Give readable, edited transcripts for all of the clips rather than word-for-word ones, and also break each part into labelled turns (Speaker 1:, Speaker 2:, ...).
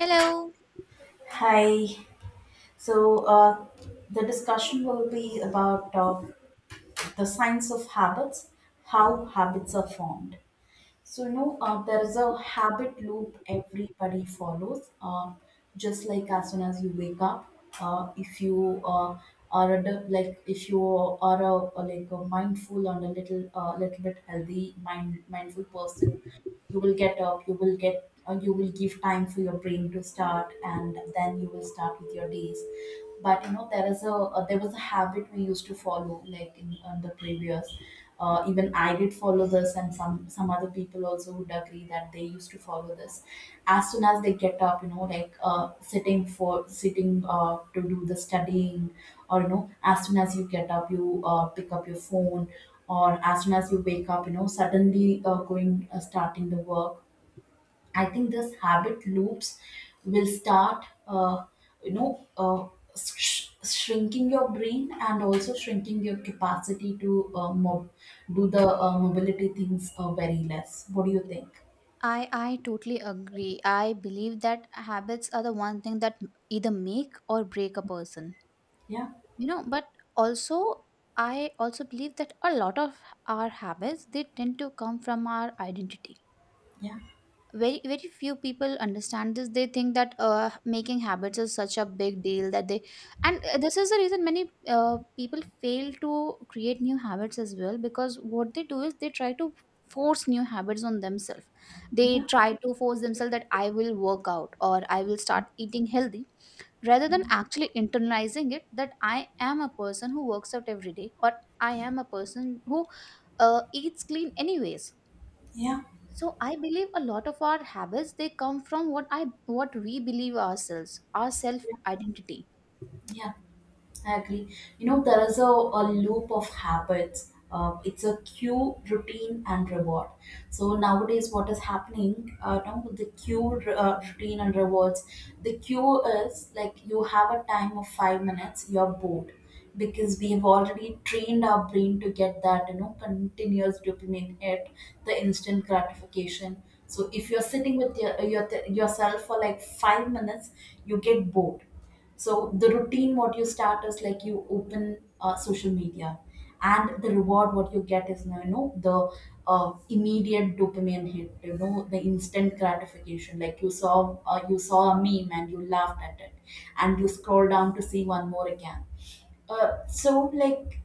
Speaker 1: Hello.
Speaker 2: Hi. So the discussion will be about the science of habits, how habits are formed. So you know there is a habit loop everybody follows. Just like as soon as you wake up, if you are like if you are a like a mindful and a little bit healthy mindful person, you will get up, you will get you will give time for your brain to start, and then you will start with your days. But you know there is a there was a habit we used to follow, like in the previous even I did follow this, and some other people also would agree that they used to follow this. As soon as they get up, you know, like sitting for sitting to do the studying, or you know, as soon as you get up, you pick up your phone, or as soon as you wake up, you know, suddenly going starting the work. I think this habit loops will start, you know uh, shrinking your brain and also shrinking your capacity to do the mobility things, very less. What do you think?
Speaker 1: I totally agree. I believe that habits are the one thing that either make or break a person.
Speaker 2: Yeah,
Speaker 1: You know, but also, I also believe that a lot of our habits, they tend to come from our identity.
Speaker 2: yeah,
Speaker 1: Very few people understand this. They think that making habits is such a big deal that they and This is the reason many people fail to create new habits as well, because what they do is they try to force new habits on themselves. They
Speaker 2: yeah,
Speaker 1: try to force themselves that I will work out or I will start eating healthy, rather than actually internalizing it that I am a person who works out every day, or I am a person who eats clean anyways.
Speaker 2: yeah,
Speaker 1: So I believe a lot of our habits, they come from what I what we believe ourselves, our self identity.
Speaker 2: yeah. I agree. You know, there is a loop of habits. It's a cue, routine, and reward. So nowadays, what is happening? Now with the cue, routine, and rewards. The cue is like you have a time of 5 minutes. You're bored because we have already trained our brain to get that, you know, continuous dopamine hit, the instant gratification. So if you're sitting with yourself for like 5 minutes, you get bored. So the routine, what you start is like you open social media, and the reward what you get is, you know, the immediate dopamine hit, you know, the instant gratification. Like you saw a meme and you laughed at it, and you scroll down to see one more again. So like,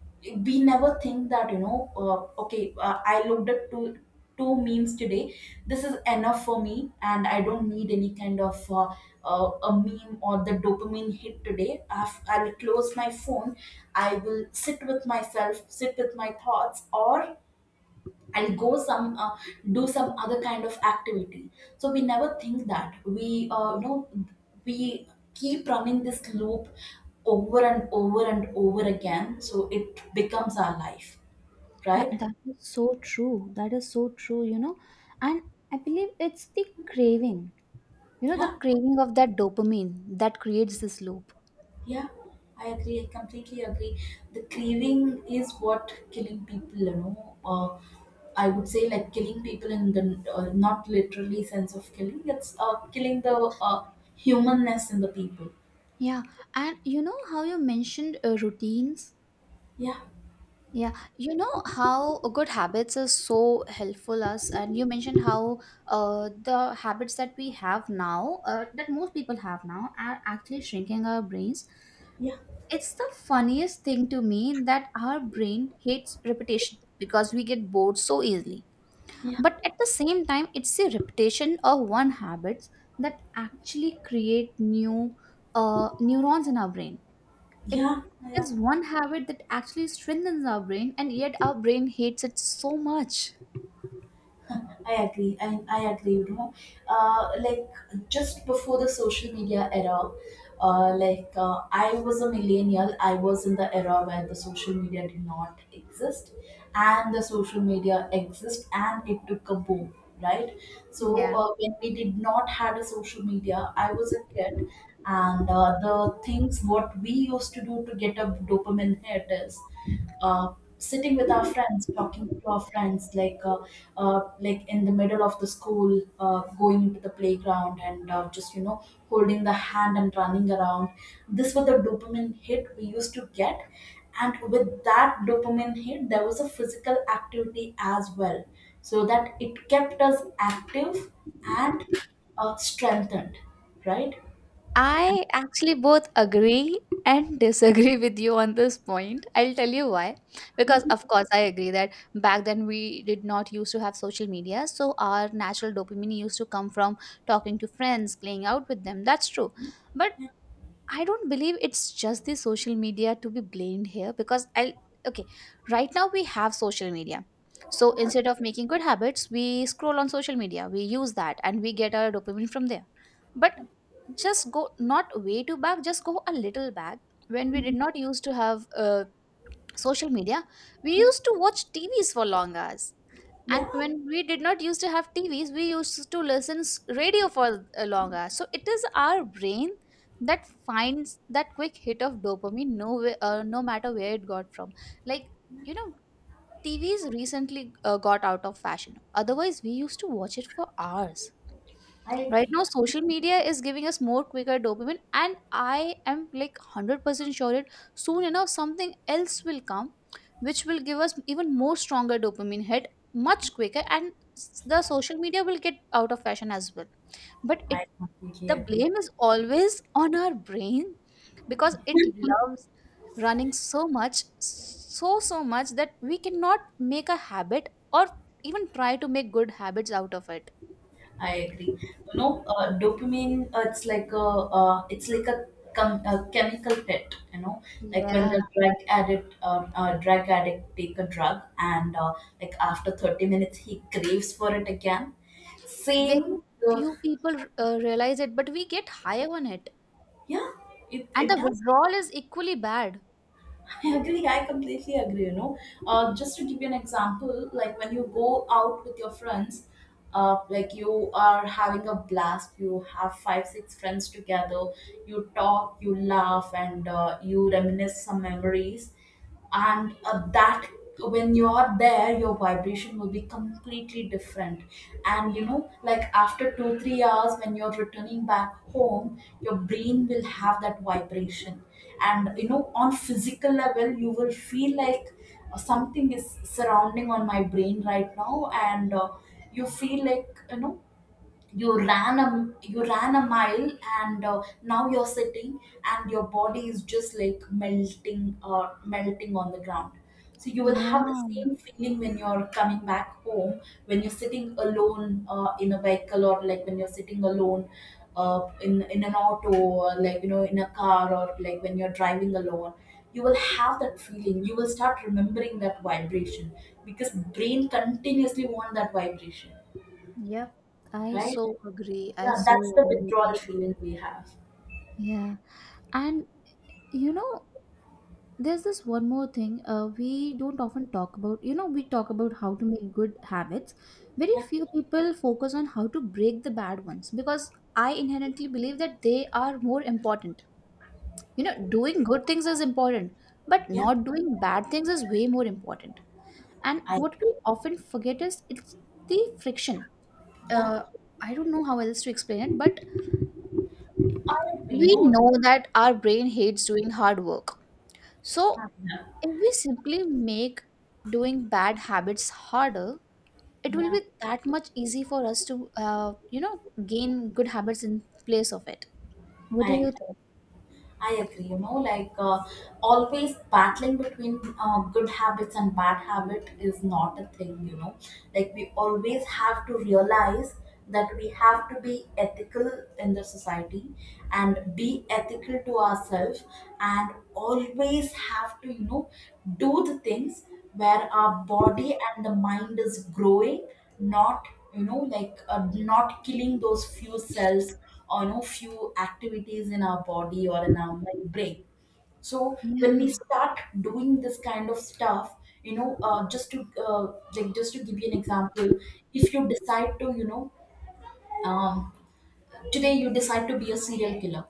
Speaker 2: we never think that, you know, okay, I looked at two memes today, this is enough for me, and I don't need any kind of a meme or the dopamine hit today. I'll close my phone, I will sit with myself, sit with my thoughts, or I'll go some do some other kind of activity. So we never think that we you know we keep running this loop over and over and over again, so it becomes our life,
Speaker 1: Yeah,
Speaker 2: right?
Speaker 1: that is so true. That is so true, you know. And I believe it's the craving. You know, the
Speaker 2: Yeah,
Speaker 1: craving of that dopamine that creates this loop.
Speaker 2: yeah, I agree. I completely agree. The craving is what killing people, you know, I would say, like killing people in the not literally sense of killing. It's killing the humanness in the people.
Speaker 1: Yeah. And you know how you mentioned routines?
Speaker 2: Yeah,
Speaker 1: Yeah, you know how good habits are so helpful us, and you mentioned how the habits that we have now, that most people have now, are actually shrinking our brains.
Speaker 2: yeah,
Speaker 1: It's the funniest thing to me that our brain hates repetition because we get bored so easily.
Speaker 2: yeah.
Speaker 1: But at the same time, it's the repetition of one habits that actually create new neurons in our brain. It
Speaker 2: Yeah, yeah,
Speaker 1: is one habit that actually strengthens our brain, and yet our brain hates it so much.
Speaker 2: I agree. I agree, you know. Like, just before the social media era, like I was a millennial. I was in the era where the social media did not exist, and the social media exists, and it took a boom, right? So
Speaker 1: Yeah.
Speaker 2: when we did not had a social media, I was a kid, and the things what we used to do to get a dopamine hit is sitting with our friends, talking to our friends, like in the middle of the school, going into the playground, and just, you know, holding the hand and running around. This was the dopamine hit we used to get, and with that dopamine hit, there was a physical activity as well, so that it kept us active and strengthened, right?
Speaker 1: I actually both agree and disagree with you on this point. I'll tell you why. Because, of course, I agree that back then we did not used to have social media. So, our natural dopamine used to come from talking to friends, playing out with them. That's true. But I don't believe it's just the social media to be blamed here, because I will, okay, right now we have social media. So instead of making good habits, we scroll on social media, we use that and we get our dopamine from there. But just go not way too back, just go a little back. When we did not used to have social media, we used to watch TVs for long hours, and
Speaker 2: Yeah,
Speaker 1: when we did not used to have tvs, we used to listen radio for a long hour. So it is our brain that finds that quick hit of dopamine, no way, no matter where it got from. Like, you know, tvs recently got out of fashion, otherwise we used to watch it for hours.
Speaker 2: I
Speaker 1: Right
Speaker 2: agree.
Speaker 1: now, social media is giving us more quicker dopamine, and I am like 100% sure it, soon enough something else will come which will give us even more stronger dopamine hit, much quicker, and the social media will get out of fashion as well. But
Speaker 2: I
Speaker 1: it,
Speaker 2: completely
Speaker 1: the
Speaker 2: agree.
Speaker 1: blame is always on our brain because it loves running so much, so so much, that we cannot make a habit or even try to make good habits out of it.
Speaker 2: I agree. You know, dopamine. It's like a chemical pet. You know, like when
Speaker 1: Yeah.
Speaker 2: the drug addict take a drug, and like after 30 minutes, he craves for it again.
Speaker 1: Very
Speaker 2: Same. Uh,
Speaker 1: few people realize it, but we get high on it.
Speaker 2: yeah, it
Speaker 1: And
Speaker 2: it
Speaker 1: the
Speaker 2: does.
Speaker 1: withdrawal is equally bad.
Speaker 2: I agree. I completely agree. You know, just to give you an example, like when you go out with your friends, like you are having a blast. You have five, six friends together. You talk, you laugh, and you reminisce some memories, and that, when you're there, your vibration will be completely different. And you know, like after 2 3 hours, when you're returning back home, your brain will have that vibration. And you know, on physical level, you will feel like something is surrounding on my brain right now. And you feel like, you know, you ran a mile, and now you're sitting, and your body is just like melting on the ground. So you will have the
Speaker 1: Yeah.
Speaker 2: same feeling when you're coming back home, when you're sitting alone in a vehicle, or like when you're sitting alone in an auto, or like, you know, in a car, or like when you're driving alone, you will have that feeling. You will start remembering that vibration, because brain continuously want that vibration,
Speaker 1: Yep. I
Speaker 2: right?
Speaker 1: so agree. I
Speaker 2: Yeah,
Speaker 1: so
Speaker 2: that's the
Speaker 1: agree with
Speaker 2: withdrawal
Speaker 1: you.
Speaker 2: feeling we have.
Speaker 1: Yeah. And you know, there's this one more thing we don't often talk about. You know, we talk about how to make good habits. Very
Speaker 2: Yeah,
Speaker 1: few people focus on how to break the bad ones, because I inherently believe that they are more important. You know, doing good things is important, but
Speaker 2: yeah,
Speaker 1: not doing bad things is way more important. And
Speaker 2: I,
Speaker 1: what we often forget is it's the friction,
Speaker 2: yeah,
Speaker 1: uh, I don't know how else to explain it, but
Speaker 2: I agree.
Speaker 1: we
Speaker 2: No,
Speaker 1: know that our brain hates doing hard work. So,
Speaker 2: yeah,
Speaker 1: if we simply make doing bad habits harder, it will
Speaker 2: yeah,
Speaker 1: be that much easy for us to, you know, gain good habits in place of it. What do
Speaker 2: I
Speaker 1: you think?
Speaker 2: I agree, you know, like always battling between good habits and bad habit is not a thing, you know. Like, we always have to realize that we have to be ethical in the society, and be ethical to ourselves, and always have to, you know, do the things where our body and the mind is growing, not, you know, like not killing those few cells, or, you know, few activities in our body or in our, like, brain. So when we
Speaker 1: Yeah.
Speaker 2: start doing this kind of stuff, you know, just to uh, like, just to give you an example, if you decide to, um, today you decide to be a serial killer.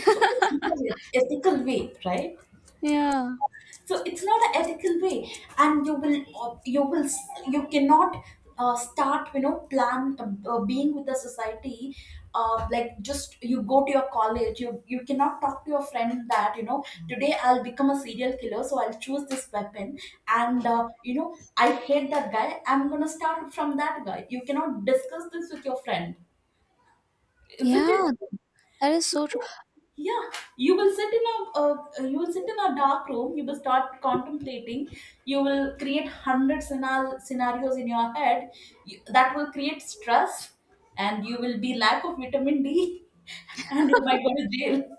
Speaker 2: So it's not an ethical way, right?
Speaker 1: Yeah.
Speaker 2: So it's not an ethical way, and you will you cannot start, you know, plan, being with the society. Like, just, you go to your college, you cannot talk to your friend that, you know, today I'll become a serial killer, so I'll choose this weapon, and you know, I hate that guy, I'm gonna start from that guy. You cannot discuss this with your friend, isn't it?
Speaker 1: Yeah, that is
Speaker 2: So,
Speaker 1: so true.
Speaker 2: yeah, you will sit in a dark room. You will start contemplating. You will create 100 scenarios in your head, that will create stress, and you will be lack of vitamin D, and you might go to jail.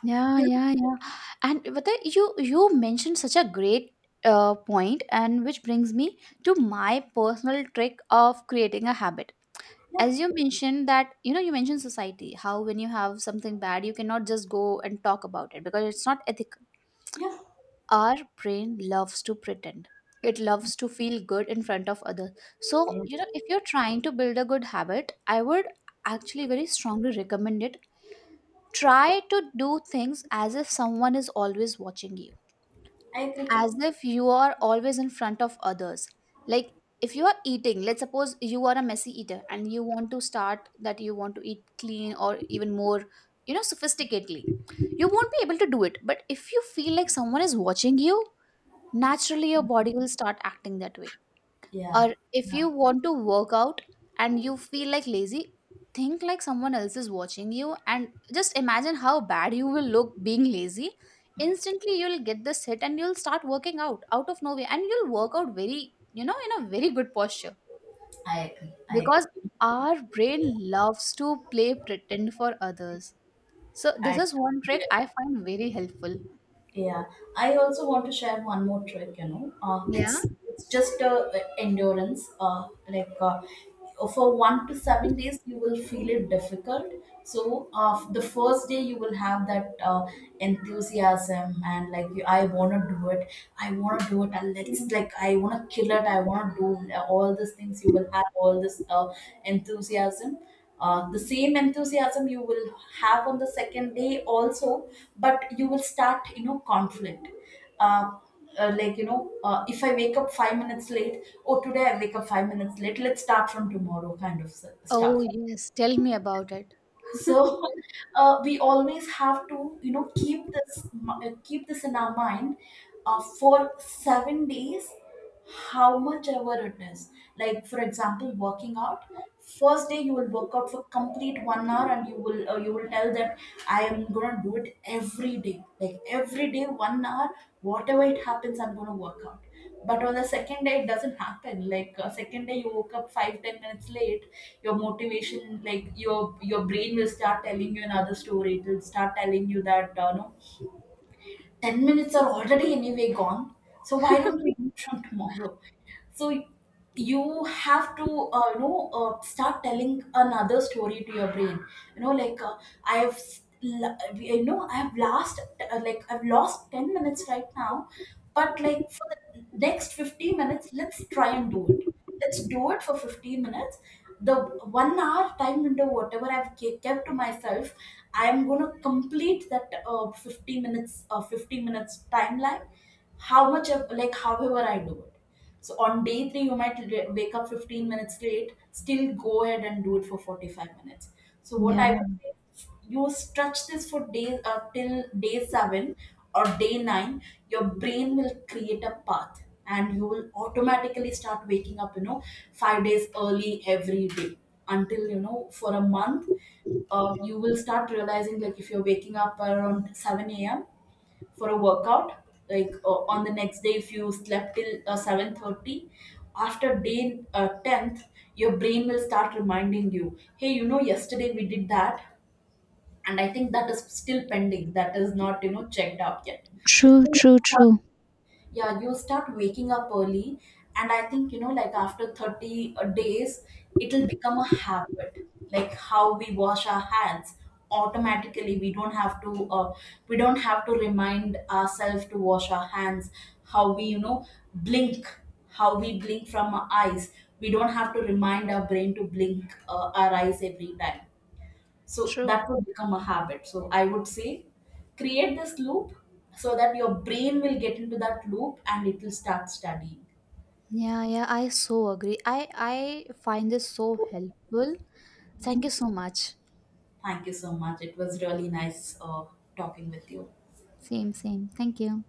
Speaker 1: Yeah, yeah, yeah. And you mentioned such a great point, and which brings me to my personal trick of creating a habit. As you mentioned that, you know, you mentioned society, how when you have something bad you cannot just go and talk about it because it's not ethical.
Speaker 2: Yeah, yeah,
Speaker 1: Our brain loves to pretend. It loves to feel good in front of others.
Speaker 2: yeah.
Speaker 1: So you know, if you're trying to build a good habit, I would actually very strongly recommend it: try to do things as if someone is always watching you,
Speaker 2: I agree.
Speaker 1: as if you are always in front of others. Like, if you are eating, let's suppose you are a messy eater and you want to start that you want to eat clean or even more, you know, sophisticatedly, you won't be able to do it. But if you feel like someone is watching you, naturally your body will start acting that way.
Speaker 2: Yeah,
Speaker 1: Or if
Speaker 2: yeah.
Speaker 1: you want to work out and you feel like lazy, think like someone else is watching you and just imagine how bad you will look being lazy. Instantly you'll get this hit and you'll start working out out of nowhere, and you'll work out very, you know, in a very good posture.
Speaker 2: I agree. I
Speaker 1: Because
Speaker 2: agree.
Speaker 1: our brain loves to play pretend for others. So this
Speaker 2: I
Speaker 1: is one
Speaker 2: do.
Speaker 1: trick I find very helpful.
Speaker 2: Yeah, I also want to share one more trick. You know, uh,
Speaker 1: Yeah.
Speaker 2: it's it's just endurance. Like, for 1 to 7 days, you will feel it difficult. So the first day, you will have that enthusiasm, and, like, I wanna do it. I wanna do it. And let's, like, I wanna kill it. I wanna do all these things. You will have all this enthusiasm. The same enthusiasm you will have on the second day also, but you will start, you know, conflict. Uh, like, you know, if I wake up 5 minutes late, oh, today I wake up 5 minutes late, let's start from tomorrow kind of stuff.
Speaker 1: Oh yes, tell me about it.
Speaker 2: So we always have to, you know, keep this in our mind, for 7 days, how much ever it is. Like, for example, working out. First day you will work out for complete 1 hour, and you will tell that I am gonna do it every day. Like every day, 1 hour, whatever it happens, I'm gonna work out. But on the second day, it doesn't happen. Like, second day, you woke up five ten minutes late. Your motivation, like your brain will start telling you another story. It will start telling you that, no, 10 minutes are already anyway gone. So why don't we do it from tomorrow? So you have to, start telling another story to your brain. You know, like I have s- l- I've lost 10 minutes right now, but like for the next 15 minutes, let's try and do it. Let's do it for 15 minutes. The 1 hour time window, whatever I've kept to myself, I am going to complete that 15 minutes 15 minutes timeline, like, however I do it. So on day three, you might wake up 15 minutes late, still go ahead and do it for 45 minutes. So what I would say, you stretch this for days till day seven, or day nine, your brain will create a path, and you will automatically start waking up, you know, 5 days early every day, until, you know, for a month, you will start realizing, like if you're waking up around 7 a.m. for a workout, like on the next day, if you slept till 7:30, after day 10th, your brain will start reminding you, hey, you know, yesterday we did that, and I think that is still pending, that is not, you know, checked out yet.
Speaker 1: True,
Speaker 2: So,
Speaker 1: true, true.
Speaker 2: yeah, you start waking up early, and I think, you know, like after 30 days, it'll become a habit. Like how we wash our hands automatically, we don't have to, remind ourselves to wash our hands. How we, you know, blink, how we blink from our eyes, we don't have to remind our brain to blink our eyes every time. So
Speaker 1: True.
Speaker 2: that would become a habit. So I would say, create this loop, so that your brain will get into that loop and it will start studying.
Speaker 1: Yeah, yeah, I find this so helpful. Thank you so much.
Speaker 2: Thank you so much. It was really nice talking with you.
Speaker 1: Same, same. Thank you.